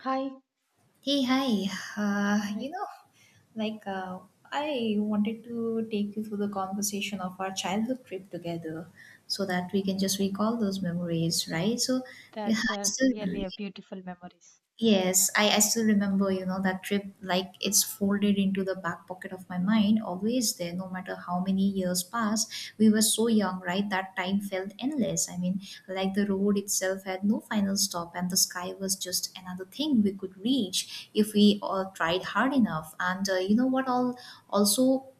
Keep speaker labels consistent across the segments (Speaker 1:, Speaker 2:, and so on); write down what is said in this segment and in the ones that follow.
Speaker 1: Hi.
Speaker 2: Hey, hi. Uh,
Speaker 1: Hi.
Speaker 2: you know, like uh, I wanted to take you through the conversation of our childhood trip together so that we can just recall those memories, right? Yeah,
Speaker 1: That's
Speaker 2: I
Speaker 1: a
Speaker 2: still
Speaker 1: really a beautiful memories.
Speaker 2: Yes, I still remember, that trip like it's folded into the back pocket of my mind, always there, no matter how many years pass. We were so young, right? That time felt endless. Like the road itself had no final stop, and the sky was just another thing we could reach if we all tried hard enough. And all also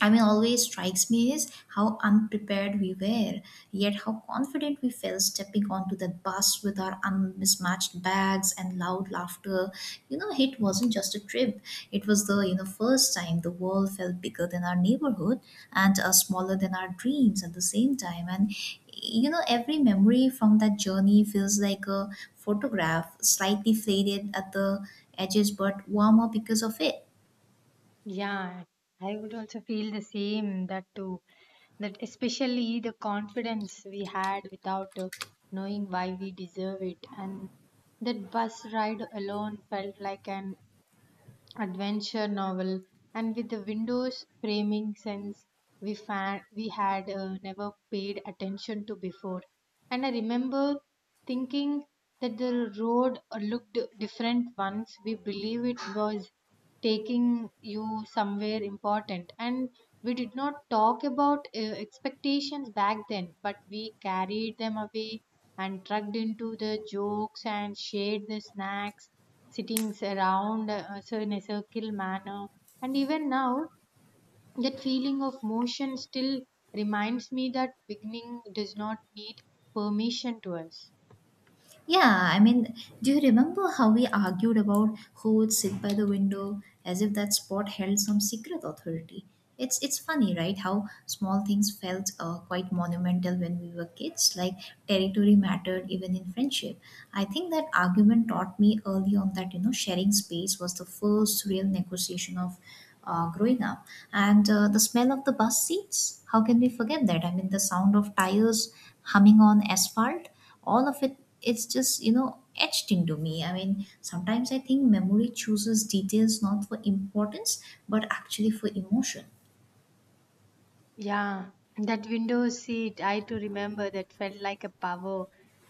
Speaker 2: always strikes me is how unprepared we were, yet how confident we felt stepping onto the bus with our unmismatched bags and loud laughter. It wasn't just a trip; it was the first time the world felt bigger than our neighborhood and smaller than our dreams at the same time. And every memory from that journey feels like a photograph, slightly faded at the edges but warmer because of it.
Speaker 1: Yeah, I would also feel the same that too. That especially the confidence we had without knowing why we deserve it, and that bus ride alone felt like an adventure novel and with the windows framing sense we had never paid attention to before, and I remember thinking that the road looked different once we believe it was taking you somewhere important, and we did not talk about expectations back then, but we carried them away and tugged into the jokes and shared the snacks sitting around so in a circle manner. And even now that feeling of motion still reminds me that beginning does not need permission to us.
Speaker 2: Yeah, do you remember how we argued about who would sit by the window as if that spot held some secret authority? It's funny, right? How small things felt quite monumental when we were kids, like territory mattered even in friendship. I think that argument taught me early on that sharing space was the first real negotiation of growing up. And the smell of the bus seats, how can we forget that? I mean, the sound of tires humming on asphalt all of it's just etched into me. Sometimes I think memory chooses details not for importance but actually for emotion.
Speaker 1: Yeah, that window seat, I too remember that felt like a power.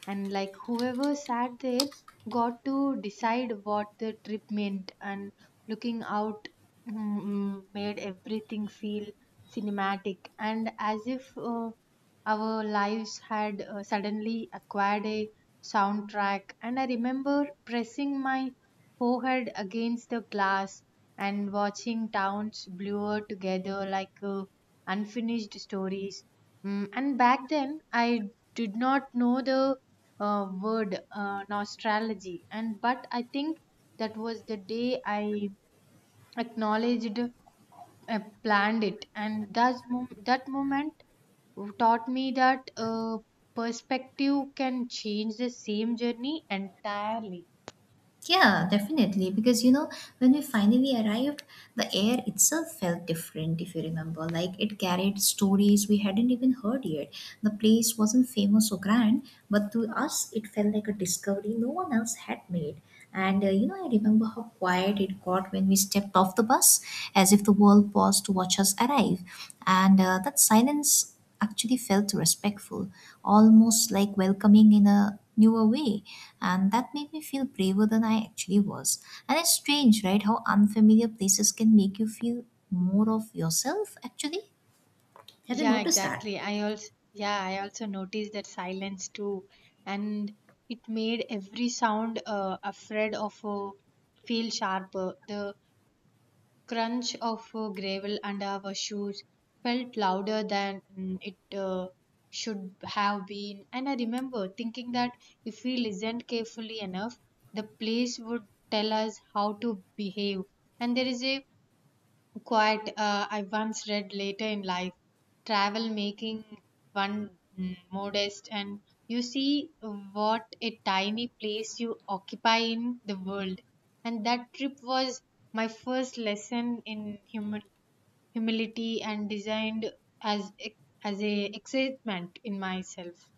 Speaker 1: And like whoever sat there got to decide what the trip meant, and looking out made everything feel cinematic, and as if our lives had suddenly acquired a soundtrack. And I remember pressing my forehead against the glass and watching towns blur together like a unfinished stories. And back then, I did not know the word nostrology, and but I think that was the day I acknowledged, planned it, and that moment taught me that perspective can change the same journey entirely.
Speaker 2: Yeah, definitely. Because when we finally arrived, the air itself felt different, if you remember. Like it carried stories we hadn't even heard yet. The place wasn't famous or grand, but to us, it felt like a discovery no one else had made. And I remember how quiet it got when we stepped off the bus, as if the world paused to watch us arrive. And that silence actually felt respectful, almost like welcoming in a newer way. And that made me feel braver than I actually was. And it's strange, right? How unfamiliar places can make you feel more of yourself, actually. Have you
Speaker 1: Yeah,
Speaker 2: noticed that?
Speaker 1: exactly. I also noticed that silence too, and it made every sound afraid of feel sharper. The crunch of gravel under our shoes felt louder than it should have been, and I remember thinking that if we listened carefully enough, the place would tell us how to behave. And there is a Quite, I once read later in life, travel making one modest, and you see what a tiny place you occupy in the world. And that trip was my first lesson in humility and designed as as a excitement in myself.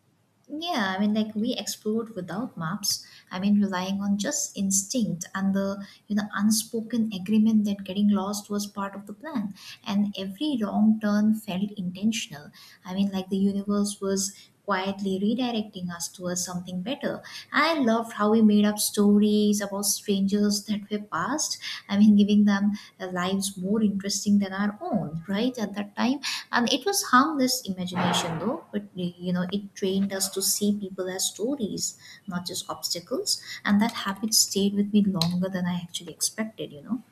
Speaker 2: Yeah, I mean, like we explored without maps. I mean, relying on just instinct and the unspoken agreement that getting lost was part of the plan. And every wrong turn felt intentional. I mean, like the universe was quietly redirecting us towards something better. I loved how we made up stories about strangers that were past. I mean, giving them their lives more interesting than our own, right? At that time, and it was harmless imagination though, but it trained us to see people as stories, not just obstacles, and that habit stayed with me longer than I actually expected.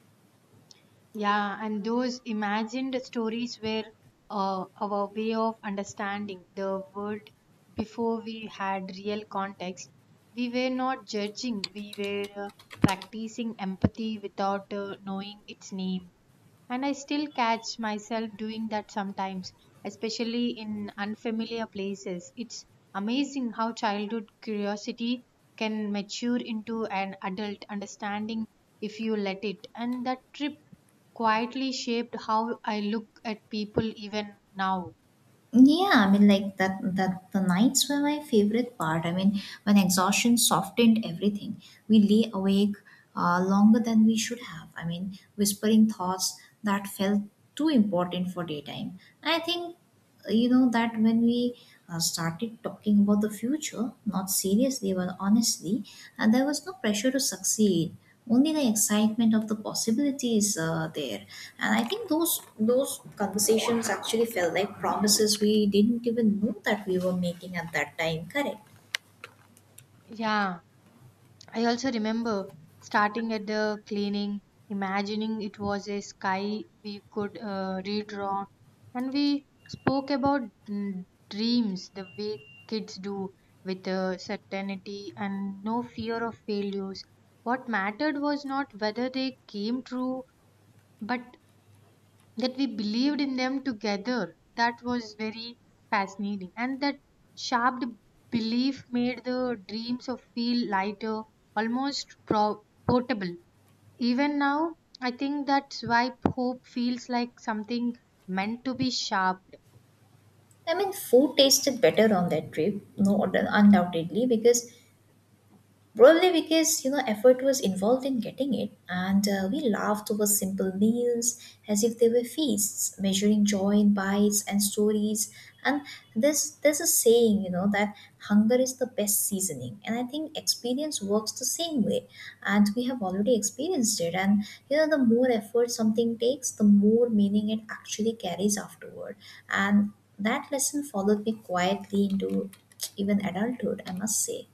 Speaker 1: Yeah, and those imagined stories were our way of understanding the world before we had real context. We were not judging, we were practicing empathy without knowing its name. And I still catch myself doing that sometimes, especially in unfamiliar places. It's amazing how childhood curiosity can mature into an adult understanding if you let it. And that trip quietly shaped how I look at people even now.
Speaker 2: Yeah, I mean, like that, that the nights were my favorite part. I mean, when exhaustion softened everything, we lay awake longer than we should have. I mean, whispering thoughts that felt too important for daytime. I think, you know, that when we started talking about the future, not seriously, but honestly, and there was no pressure to succeed only the excitement of the possibilities there. And I think those conversations actually felt like promises we didn't even know that we were making at that time, correct?
Speaker 1: Yeah, I also remember starting at the cleaning, imagining it was a sky we could redraw, and we spoke about dreams the way kids do with certainty and no fear of failures. What mattered was not whether they came true, but that we believed in them together. That was very fascinating. And that sharp belief made the dreams of feel lighter, almost portable. Even now, I think that's why hope feels like something meant to be sharp.
Speaker 2: Food tasted better on that trip. No undoubtedly because Probably because effort was involved in getting it, and we laughed over simple meals as if they were feasts, measuring joy in bites and stories. And this there's a saying that hunger is the best seasoning, and I think experience works the same way. And we have already experienced it, and the more effort something takes, the more meaning it actually carries afterward. And that lesson followed me quietly into even adulthood, I must say.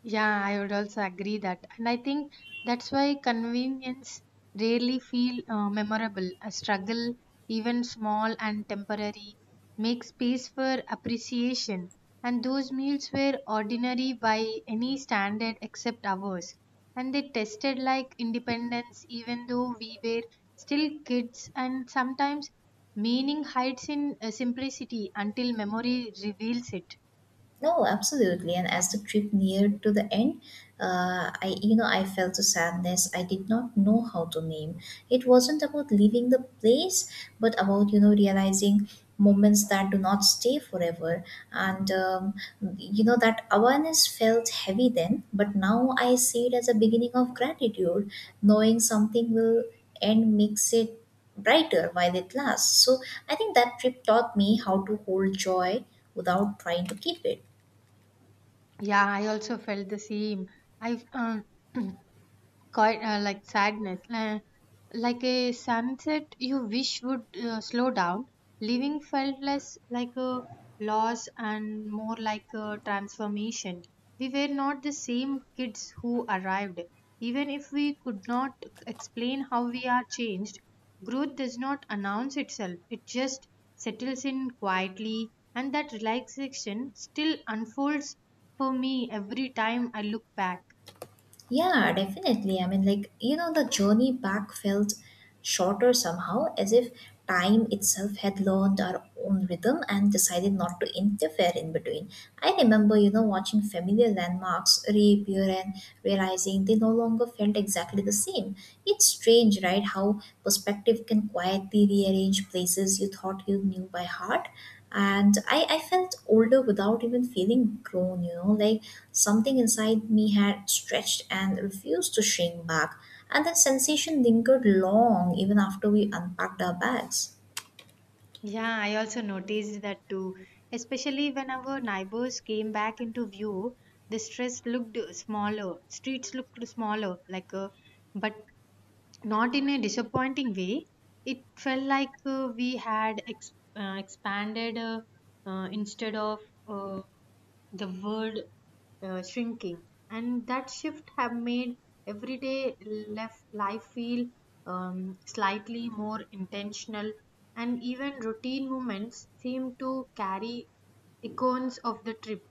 Speaker 1: Yeah, I would also agree that. And I think that's why convenience rarely feel memorable. A struggle, even small and temporary, makes space for appreciation. And those meals were ordinary by any standard except ours. And they tested like independence, even though we were still kids. And sometimes meaning hides in simplicity until memory reveals it.
Speaker 2: No, absolutely. And as the trip neared to the end, I felt a sadness I did not know how to name. It wasn't about leaving the place, but about, realizing moments that do not stay forever. And, um, that awareness felt heavy then, but now I see it as a beginning of gratitude. Knowing something will end makes it brighter while it lasts. So I think that trip taught me how to hold joy without trying to keep it.
Speaker 1: Yeah, I also felt the same. I quite like sadness, like a sunset you wish would slow down. Living felt less like a loss and more like a transformation. We were not the same kids who arrived. Even if we could not explain how we are changed, growth does not announce itself. It just settles in quietly, and that relaxation still unfolds for me every time I look back.
Speaker 2: Yeah, definitely. I mean, the journey back felt shorter somehow, as if time itself had learned our own rhythm and decided not to interfere in between. I remember, watching familiar landmarks reappear and realizing they no longer felt exactly the same. It's strange, right? How perspective can quietly rearrange places you thought you knew by heart. And I felt older without even feeling grown, like something inside me had stretched and refused to shrink back, and that sensation lingered long even after we unpacked our bags.
Speaker 1: Yeah, I also noticed that too. Especially when our neighbors came back into view, the stress looked smaller, streets looked smaller, like a but not in a disappointing way. It felt like we had expanded, instead of uh, the world shrinking. And that shift have made everyday left life feel slightly more intentional, and even routine moments seem to carry icons of the trip.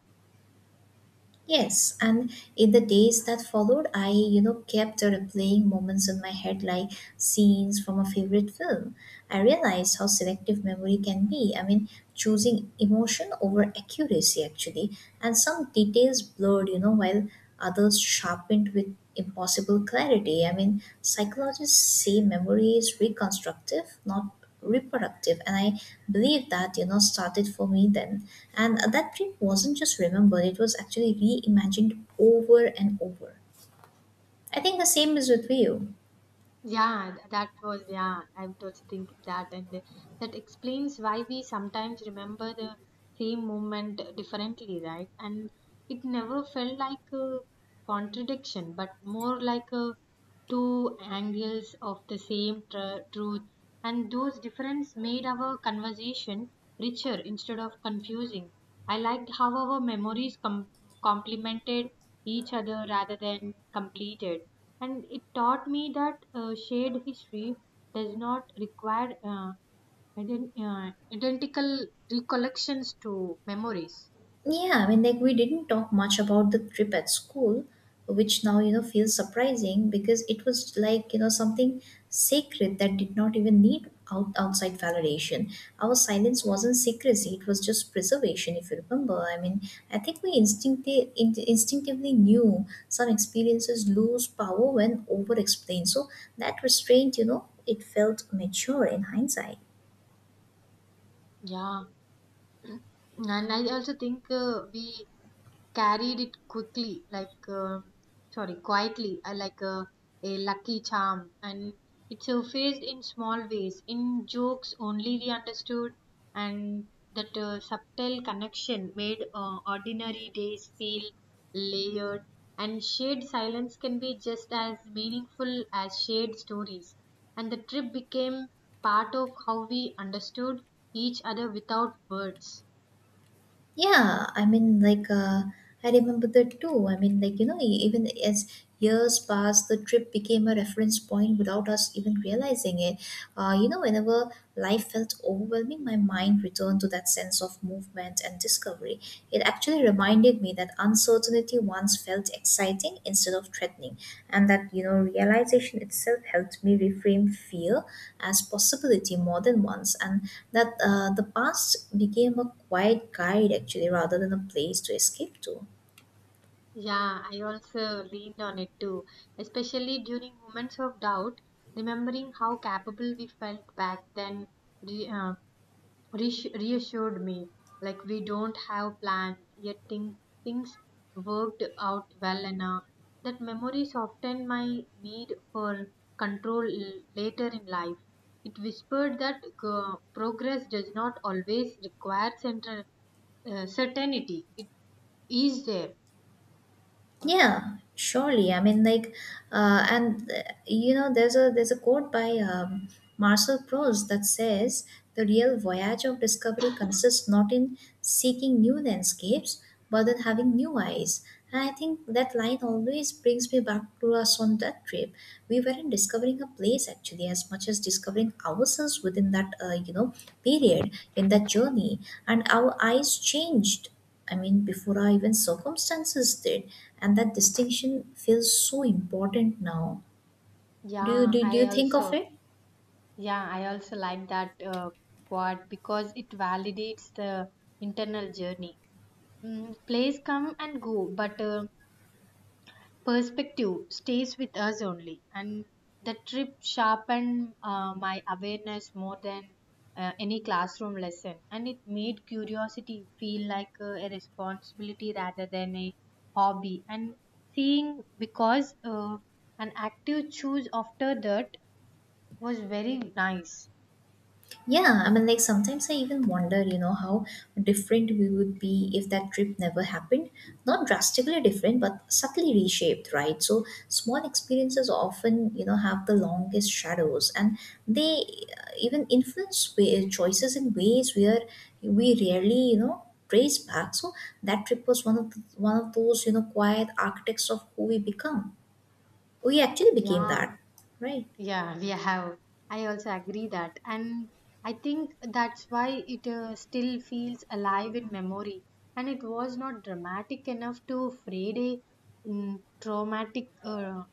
Speaker 2: Yes, and in the days that followed, kept replaying moments in my head like scenes from a favorite film. I realized how selective memory can be. I mean, choosing emotion over accuracy, actually, and some details blurred, while others sharpened with impossible clarity. I mean, psychologists say memory is reconstructive, not reproductive, and I believe that started for me then. And that dream wasn't just remembered, it was actually reimagined over and over. I think the same is with you.
Speaker 1: Yeah, that was, yeah, I was also thinking that, and that explains why we sometimes remember the same moment differently, right? And it never felt like a contradiction, but more like a two angles of the same truth, and those differences made our conversation richer instead of confusing. I liked how our memories complemented each other rather than completed. And it taught me that shared history does not require identical recollections to memories.
Speaker 2: Yeah, I mean, like we didn't talk much about the trip at school, which now, feels surprising because it was like, something sacred that did not even need outside validation. Our silence wasn't secrecy, it was just preservation, if you remember. I mean, I think we instinctively knew some experiences lose power when over explained. So that restraint, it felt mature in hindsight.
Speaker 1: Yeah, and I also think we carried it quickly, like sorry, quietly, like a lucky charm, and it surfaced in small ways, in jokes only we understood, and that subtle connection made ordinary days feel layered. And shared silence can be just as meaningful as shared stories. And the trip became part of how we understood each other without words.
Speaker 2: Yeah, I remember that too. I mean, even as years passed, the trip became a reference point without us even realizing it. Whenever life felt overwhelming, my mind returned to that sense of movement and discovery. It actually reminded me that uncertainty once felt exciting instead of threatening, and that realization itself helped me reframe fear as possibility more than once, and that the past became a quiet guide actually rather than a place to escape to.
Speaker 1: Yeah, I also leaned on it too, especially during moments of doubt, remembering how capable we felt back then re- uh, reassured me. Like we don't have plans, yet things worked out well enough. That memory softened my need for control later in life. It whispered that progress does not always require central certainty. It is there for people.
Speaker 2: Yeah, surely. There's a quote by Marcel Proust that says the real voyage of discovery consists not in seeking new landscapes, but in having new eyes. And I think that line always brings me back to us on that trip. We weren't discovering a place actually, as much as discovering ourselves within that, period in that journey. And our eyes changed, I mean, before our even circumstances did. And that distinction feels so important now.
Speaker 1: Yeah,
Speaker 2: Do
Speaker 1: I
Speaker 2: you think of
Speaker 1: also
Speaker 2: it?
Speaker 1: yeah, I also like that quote because it validates the internal journey. Plays come and go, but perspective stays with us only. And the trip sharpened my awareness more than any classroom lesson, and it made curiosity feel like a responsibility rather than a hobby. And seeing because an active choose after that was very nice.
Speaker 2: Yeah, I mean, like sometimes I even wonder, how different we would be if that trip never happened. Not drastically different, but subtly reshaped, right? So small experiences often, have the longest shadows, and they even influence choices in ways where we rarely, trace back. So that trip was one of one of those, quiet architects of who we become. We actually became that,
Speaker 1: Yeah.
Speaker 2: right?
Speaker 1: Yeah, we have. I also agree that. And I think that's why it still feels alive in memory. And it was not dramatic enough to fade a traumatic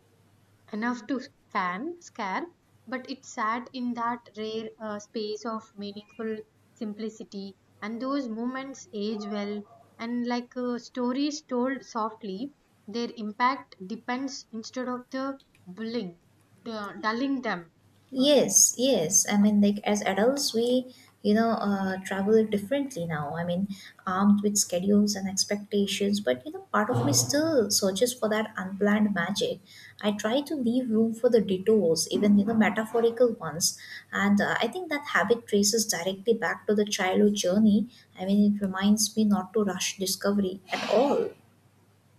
Speaker 1: enough to scare, but it sat in that rare space of meaningful simplicity, and those moments age well. And like stories told softly, their impact depends instead of the bullying, the dulling them. Sorry.
Speaker 2: Yes, yes. I mean, like as adults, travel differently now. I mean, armed with schedules and expectations, but, part of me still searches for that unplanned magic. I try to leave room for the detours, even, metaphorical ones. And I think that habit traces directly back to the childhood journey. I mean, it reminds me not to rush discovery at all.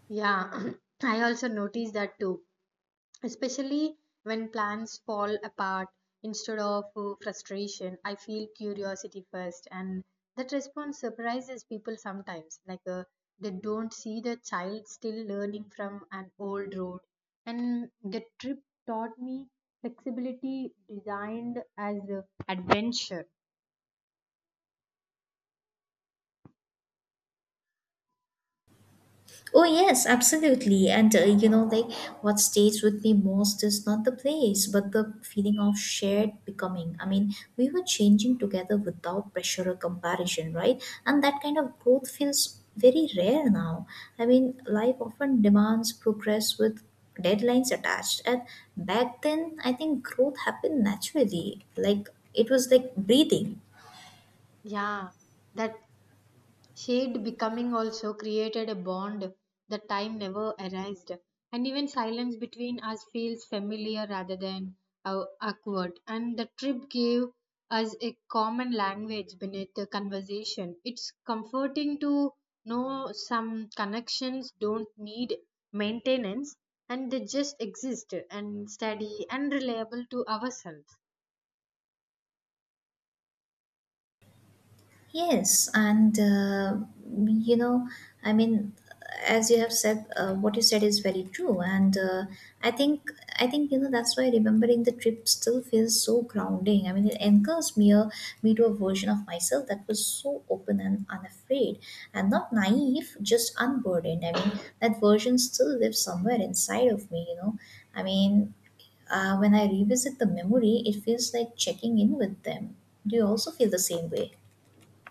Speaker 1: Yeah, I also noticed that too. Especially when plans fall apart instead of frustration, I feel curiosity first, and that response surprises people sometimes, like they don't see the child still learning from an old road. And the trip taught me flexibility designed as adventure.
Speaker 2: Oh yes, absolutely. And what stays with me most is not the place, but the feeling of shared becoming. I mean, we were changing together without pressure or comparison, right? And that kind of growth feels very rare now. I mean, life often demands progress with deadlines attached. And back then, I think growth happened naturally. Like it was like breathing.
Speaker 1: Yeah, that shared becoming also created a bond that time never erased, and even silence between us feels familiar rather than awkward. And the trip gave us a common language beneath the conversation. It's comforting to know some connections don't need maintenance, and they just exist and steady and reliable to ourselves.
Speaker 2: Yes, and you know, I mean, as you have said, what you said is very true, and I think I think that's why remembering the trip still feels so grounding. I mean, it anchors me to a version of myself that was so open and unafraid, and not naive, just unburdened. I mean, that version still lives somewhere inside of me. I mean, when I revisit the memory, it feels like checking in with them. Do you also feel the same way?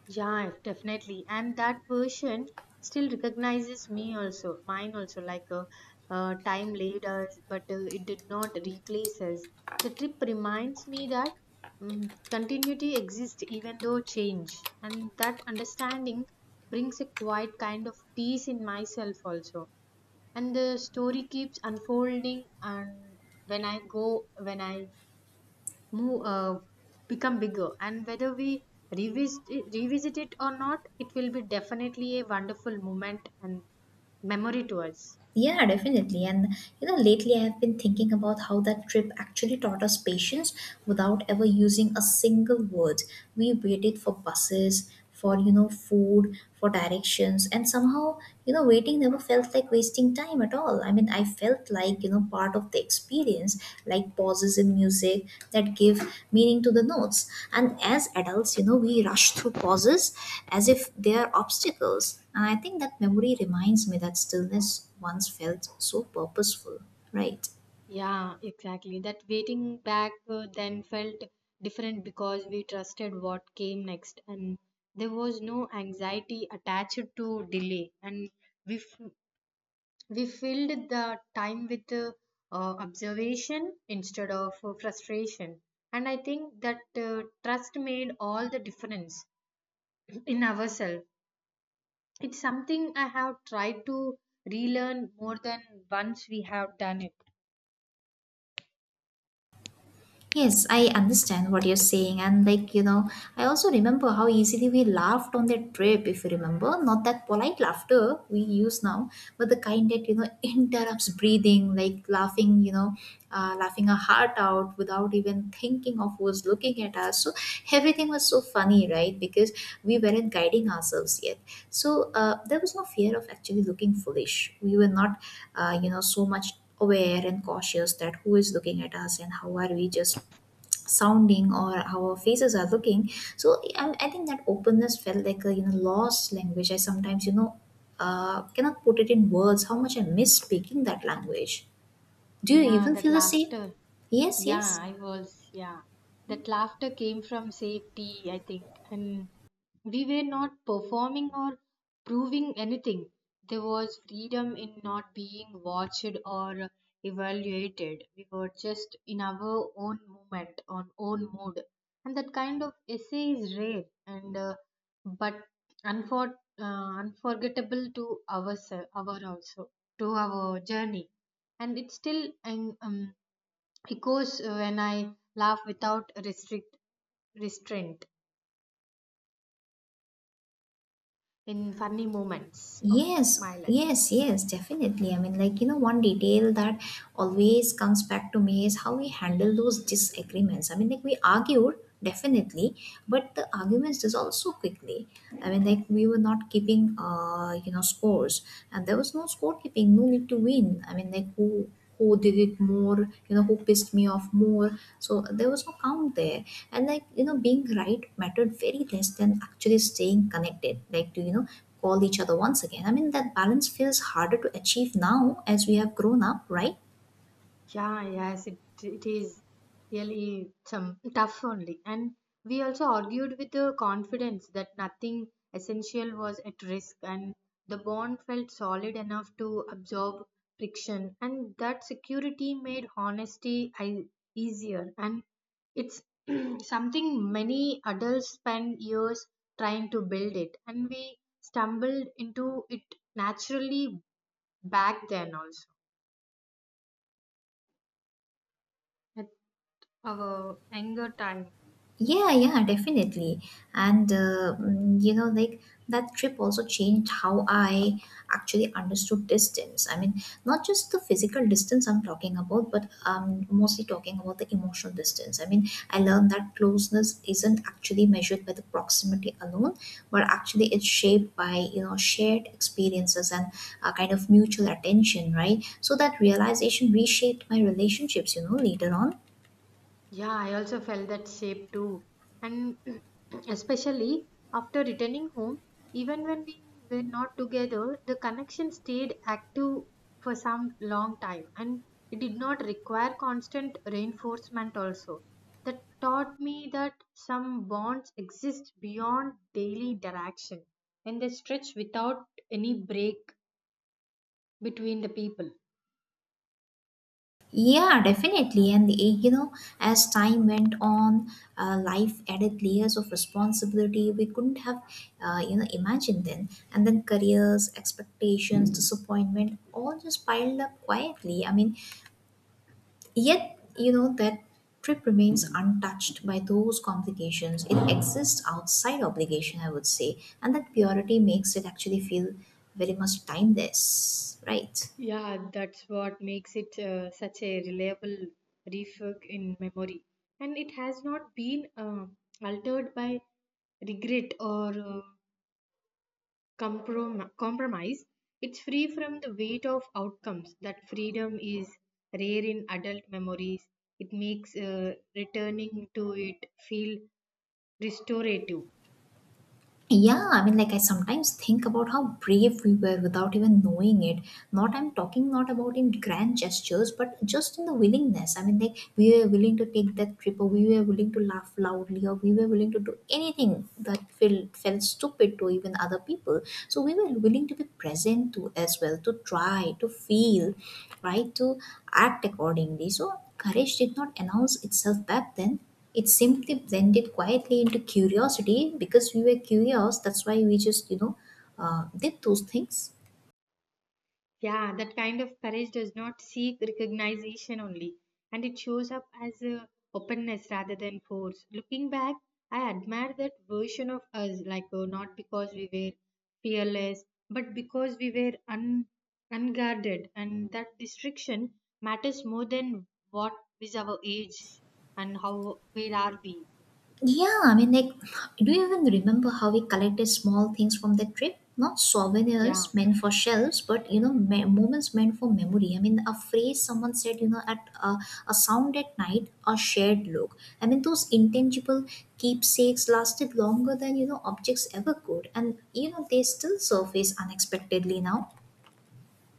Speaker 1: Yeah, definitely. And that version still recognizes me also, mine also, like a, time later, but it did not replace us. The trip reminds me that continuity exists even though change, and that understanding brings a quiet kind of peace in myself also. And the story keeps unfolding, and when I move become bigger, and whether we revisit revisit it or not, it will be definitely a wonderful moment and memory to us.
Speaker 2: Yeah, definitely. And you know, lately I have been thinking about how that trip actually taught us patience without ever using a single word. We waited for buses, for food, for directions, and somehow, you know, waiting never felt like wasting time at all. I mean, I felt like, part of the experience, like pauses in music that give meaning to the notes. And as adults, you know, we rush through pauses as if they are obstacles. And I think that memory reminds me that stillness once felt so purposeful, right?
Speaker 1: Yeah, exactly, that waiting back then felt different because we trusted what came next, and there was no anxiety attached to delay, and we f- We filled the time with observation instead of frustration. And I think that trust made all the difference in ourselves. It's something I have tried to relearn more than once we have done it.
Speaker 2: Yes, I understand what you're saying, and like you know, I also remember how easily we laughed on that trip, if you remember. Not that polite laughter we use now, but the kind that interrupts breathing, like laughing you know laughing our heart out without even thinking of who's looking at us. So everything was so funny, right? Because we weren't guiding ourselves yet, so there was no fear of actually looking foolish. We were not you know, so much aware and cautious that who is looking at us and how are we just sounding or how our faces are looking. So I think that openness felt like a you know lost language. I sometimes cannot put it in words how much I miss speaking that language. Do you
Speaker 1: Yeah,
Speaker 2: even
Speaker 1: that
Speaker 2: feel the same?
Speaker 1: laughter.
Speaker 2: Yes, yes.
Speaker 1: Yeah, I was. Yeah. That laughter came from safety, I think. And we were not performing or proving anything. There was freedom in not being watched or evaluated. We were just in our own moment, on own mood. And that kind of essay is rare, and but unfor- uh, unforgettable to ourselves, our also to our journey. And it's still echoes when I laugh without restrict restraint in funny moments of
Speaker 2: Yes,
Speaker 1: my life.
Speaker 2: yes, yes, definitely. I mean, like, you know, one detail that always comes back to me is how we handle those disagreements. I mean, like, we argued, definitely, but the arguments dissolved so quickly. I mean, like, we were not keeping, you know, scores, and there was no scorekeeping, no need to win. I mean, like, who did it more, you know, who pissed me off more. So there was no count there. And like you know, being right mattered very less than actually staying connected, like to you know, call each other once again. I mean, that balance feels harder to achieve now as we have grown up, right?
Speaker 1: Yeah, yes, it is really some tough only. And we also argued with the confidence that nothing essential was at risk, and the bond felt solid enough to absorb friction. And that security made honesty easier. And it's something many adults spend years trying to build it, and we stumbled into it naturally back then also. Our anger time.
Speaker 2: Yeah, yeah, definitely. And, you know, like that trip also changed how I actually understood distance. I mean, not just the physical distance I'm talking about, but I'm mostly talking about the emotional distance. I mean, I learned that closeness isn't actually measured by the proximity alone, but actually it's shaped by, you know, shared experiences and a kind of mutual attention, right? So that realization reshaped my relationships, you know, later on.
Speaker 1: Yeah, I also felt that shape too. And especially after returning home, even when we were not together, the connection stayed active for some long time, and it did not require constant reinforcement also. That taught me that some bonds exist beyond daily interaction, and they stretch without any break between the people.
Speaker 2: Yeah, definitely. And you know, as time went on, life added layers of responsibility we couldn't have, you know, imagined then. And then careers, expectations, disappointment, all just piled up quietly. I mean, yet you know that trip remains untouched by those complications. It exists outside obligation, I would say, and that purity makes it actually feel very much timeless, right?
Speaker 1: Yeah, that's what makes it such a reliable refuge in memory. And it has not been altered by regret or compromise. It's free from the weight of outcomes. That freedom is rare in adult memories. It makes returning to it feel restorative.
Speaker 2: Yeah, I mean, like I sometimes think about how brave we were without even knowing it. Not, I'm talking not about in grand gestures, but just in the willingness. I mean, like we were willing to take that trip, or we were willing to laugh loudly, or we were willing to do anything that felt stupid to even other people. So we were willing to be present to as well, to try, to feel, right, to act accordingly. So courage did not announce itself back then. It simply blended quietly into curiosity, because we were curious. That's why we just did those things.
Speaker 1: Yeah, that kind of courage does not seek recognition only, and it shows up as a openness rather than force. Looking back, I admire that version of us, like not because we were fearless, but because we were unguarded, and that restriction matters more than what is our age and how where are we.
Speaker 2: Yeah, I mean, like, do you even remember how we collected small things from that trip? Not
Speaker 1: Yeah.
Speaker 2: souvenirs meant for shelves, but you know, moments meant for memory. I mean, a phrase someone said, you know at a sound at night, a shared look. I mean, those intangible keepsakes lasted longer than you know objects ever could, and you know, they still surface unexpectedly now.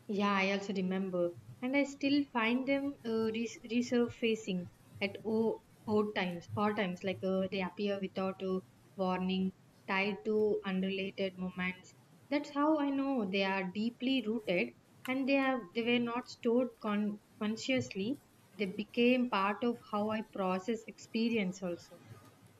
Speaker 1: Yeah, I also remember, and I still find them resurfacing at odd times. Odd times, like they appear without a warning, tied to unrelated moments. That's how I know they are deeply rooted, and they were not stored consciously. They became part of how I process experience also.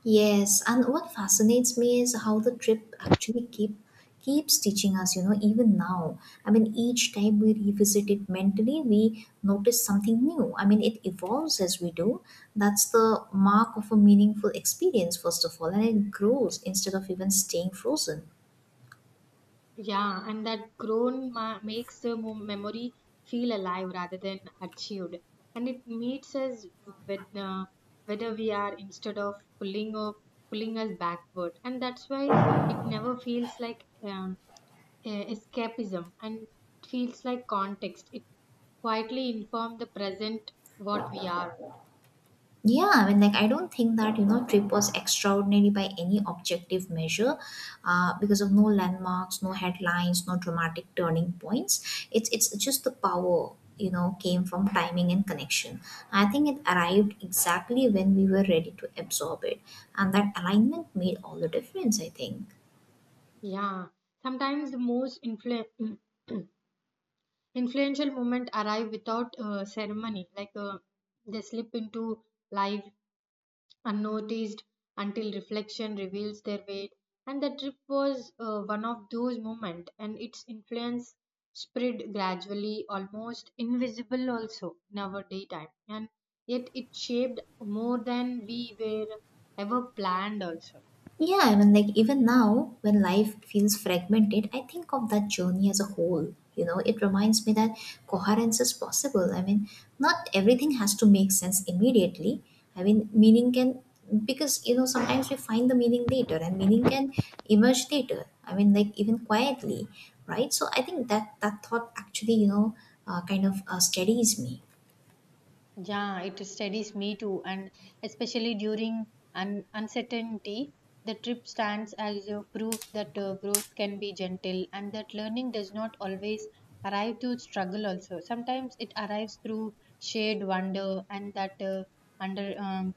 Speaker 2: Yes, and what fascinates me is how the trip actually keeps teaching us, you know, even now. I mean, each time we revisit it mentally, we notice something new. I mean, it evolves as we do. That's the mark of a meaningful experience, first of all, and it grows instead of even staying frozen.
Speaker 1: Yeah, and that groan makes the memory feel alive rather than achieved. And it meets us with whether we are instead of pulling or pulling us backward. And that's why it never feels like escapism, and it feels like context. It quietly informs the present what we are.
Speaker 2: Yeah, I mean, like, I don't think that, you know, trip was extraordinary by any objective measure, because of no landmarks, no headlines, no dramatic turning points. It's just the power, you know, came from timing and connection. I think it arrived exactly when we were ready to absorb it. And that alignment made all the difference, I think.
Speaker 1: Yeah, sometimes the most influential movement arrive without ceremony, like they slip into life unnoticed until reflection reveals their weight. And the trip was one of those moments, and its influence spread gradually, almost invisible also in our daytime, and yet it shaped more than we were ever planned also.
Speaker 2: Yeah, I mean, like even now, when life feels fragmented, I think of that journey as a whole. You know, it reminds me that coherence is possible. I mean, not everything has to make sense immediately. I mean, meaning can, because, you know, sometimes we find the meaning later and meaning can emerge later. I mean, like even quietly, right? So I think that that thought actually, steadies me.
Speaker 1: Yeah, it steadies me too, and especially during uncertainty, the trip stands as a proof that growth can be gentle and that learning does not always arrive through struggle. Also, sometimes it arrives through shared wonder, and that under um,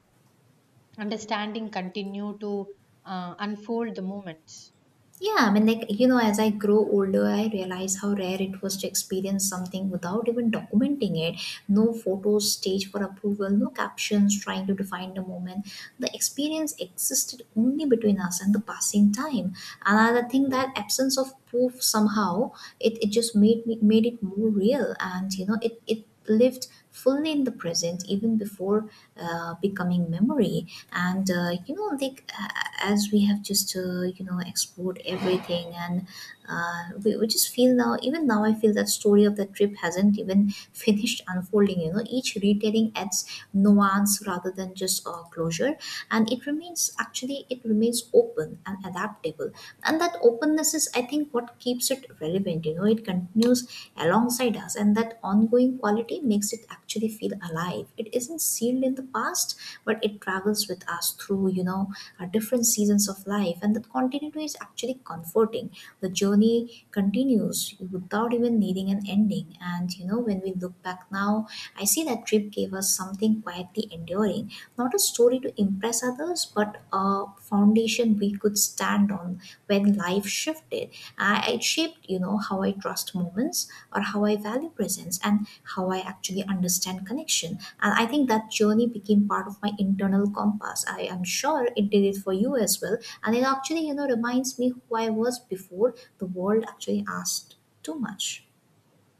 Speaker 1: understanding continue to unfold the moments.
Speaker 2: Yeah, I mean, like, you know, as I grow older, I realize how rare it was to experience something without even documenting it. No photos, stage for approval, no captions trying to define the moment. The experience existed only between us and the passing time. Another thing, that absence of proof somehow, it just made it more real, and you know it lived fully in the present even before becoming memory. And as we have just you know explored everything, and we just feel now, even now I feel that story of the trip hasn't even finished unfolding. You know, each retelling adds nuance rather than just closure, and it remains, actually it remains, open and adaptable. And that openness is, I think, what keeps it relevant. You know, it continues alongside us, and that ongoing quality makes it actually really feel alive. It isn't sealed in the past, but it travels with us through, you know, our different seasons of life. And that continuity is actually comforting. The journey continues without even needing an ending. And, you know, when we look back now, I see that trip gave us something quietly enduring, not a story to impress others, but a foundation we could stand on when life shifted. I, it shaped, you know, how I trust moments or how I value presence and how I actually understand connection. And I think that journey became part of my internal compass. I am sure it did it for you as well. And it actually, you know, reminds me who I was before the world actually asked too much.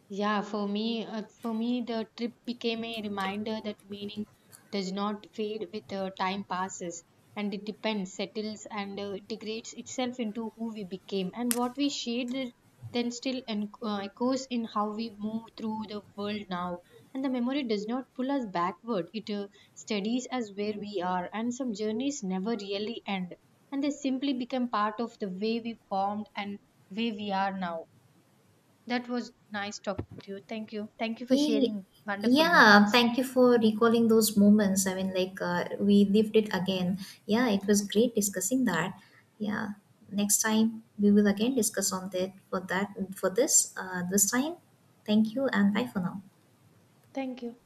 Speaker 1: Yeah, for me, the trip became a reminder that meaning does not fade with time passes, and it depends, settles, and degrades itself into who we became, and what we shared there then still echoes in how we move through the world now. And the memory does not pull us backward; it studies us where we are, and some journeys never really end, and they simply become part of the way we formed and way we are now. That was nice talking to you. Thank you. Thank you for
Speaker 2: Ye-
Speaker 1: sharing wonderful
Speaker 2: Yeah,
Speaker 1: moments.
Speaker 2: thank you for recalling those moments. I mean, like, we lived it again. Yeah, it was great discussing that. Yeah, next time we will again discuss on that, for this this time. Thank you and bye for now.
Speaker 1: Thank you.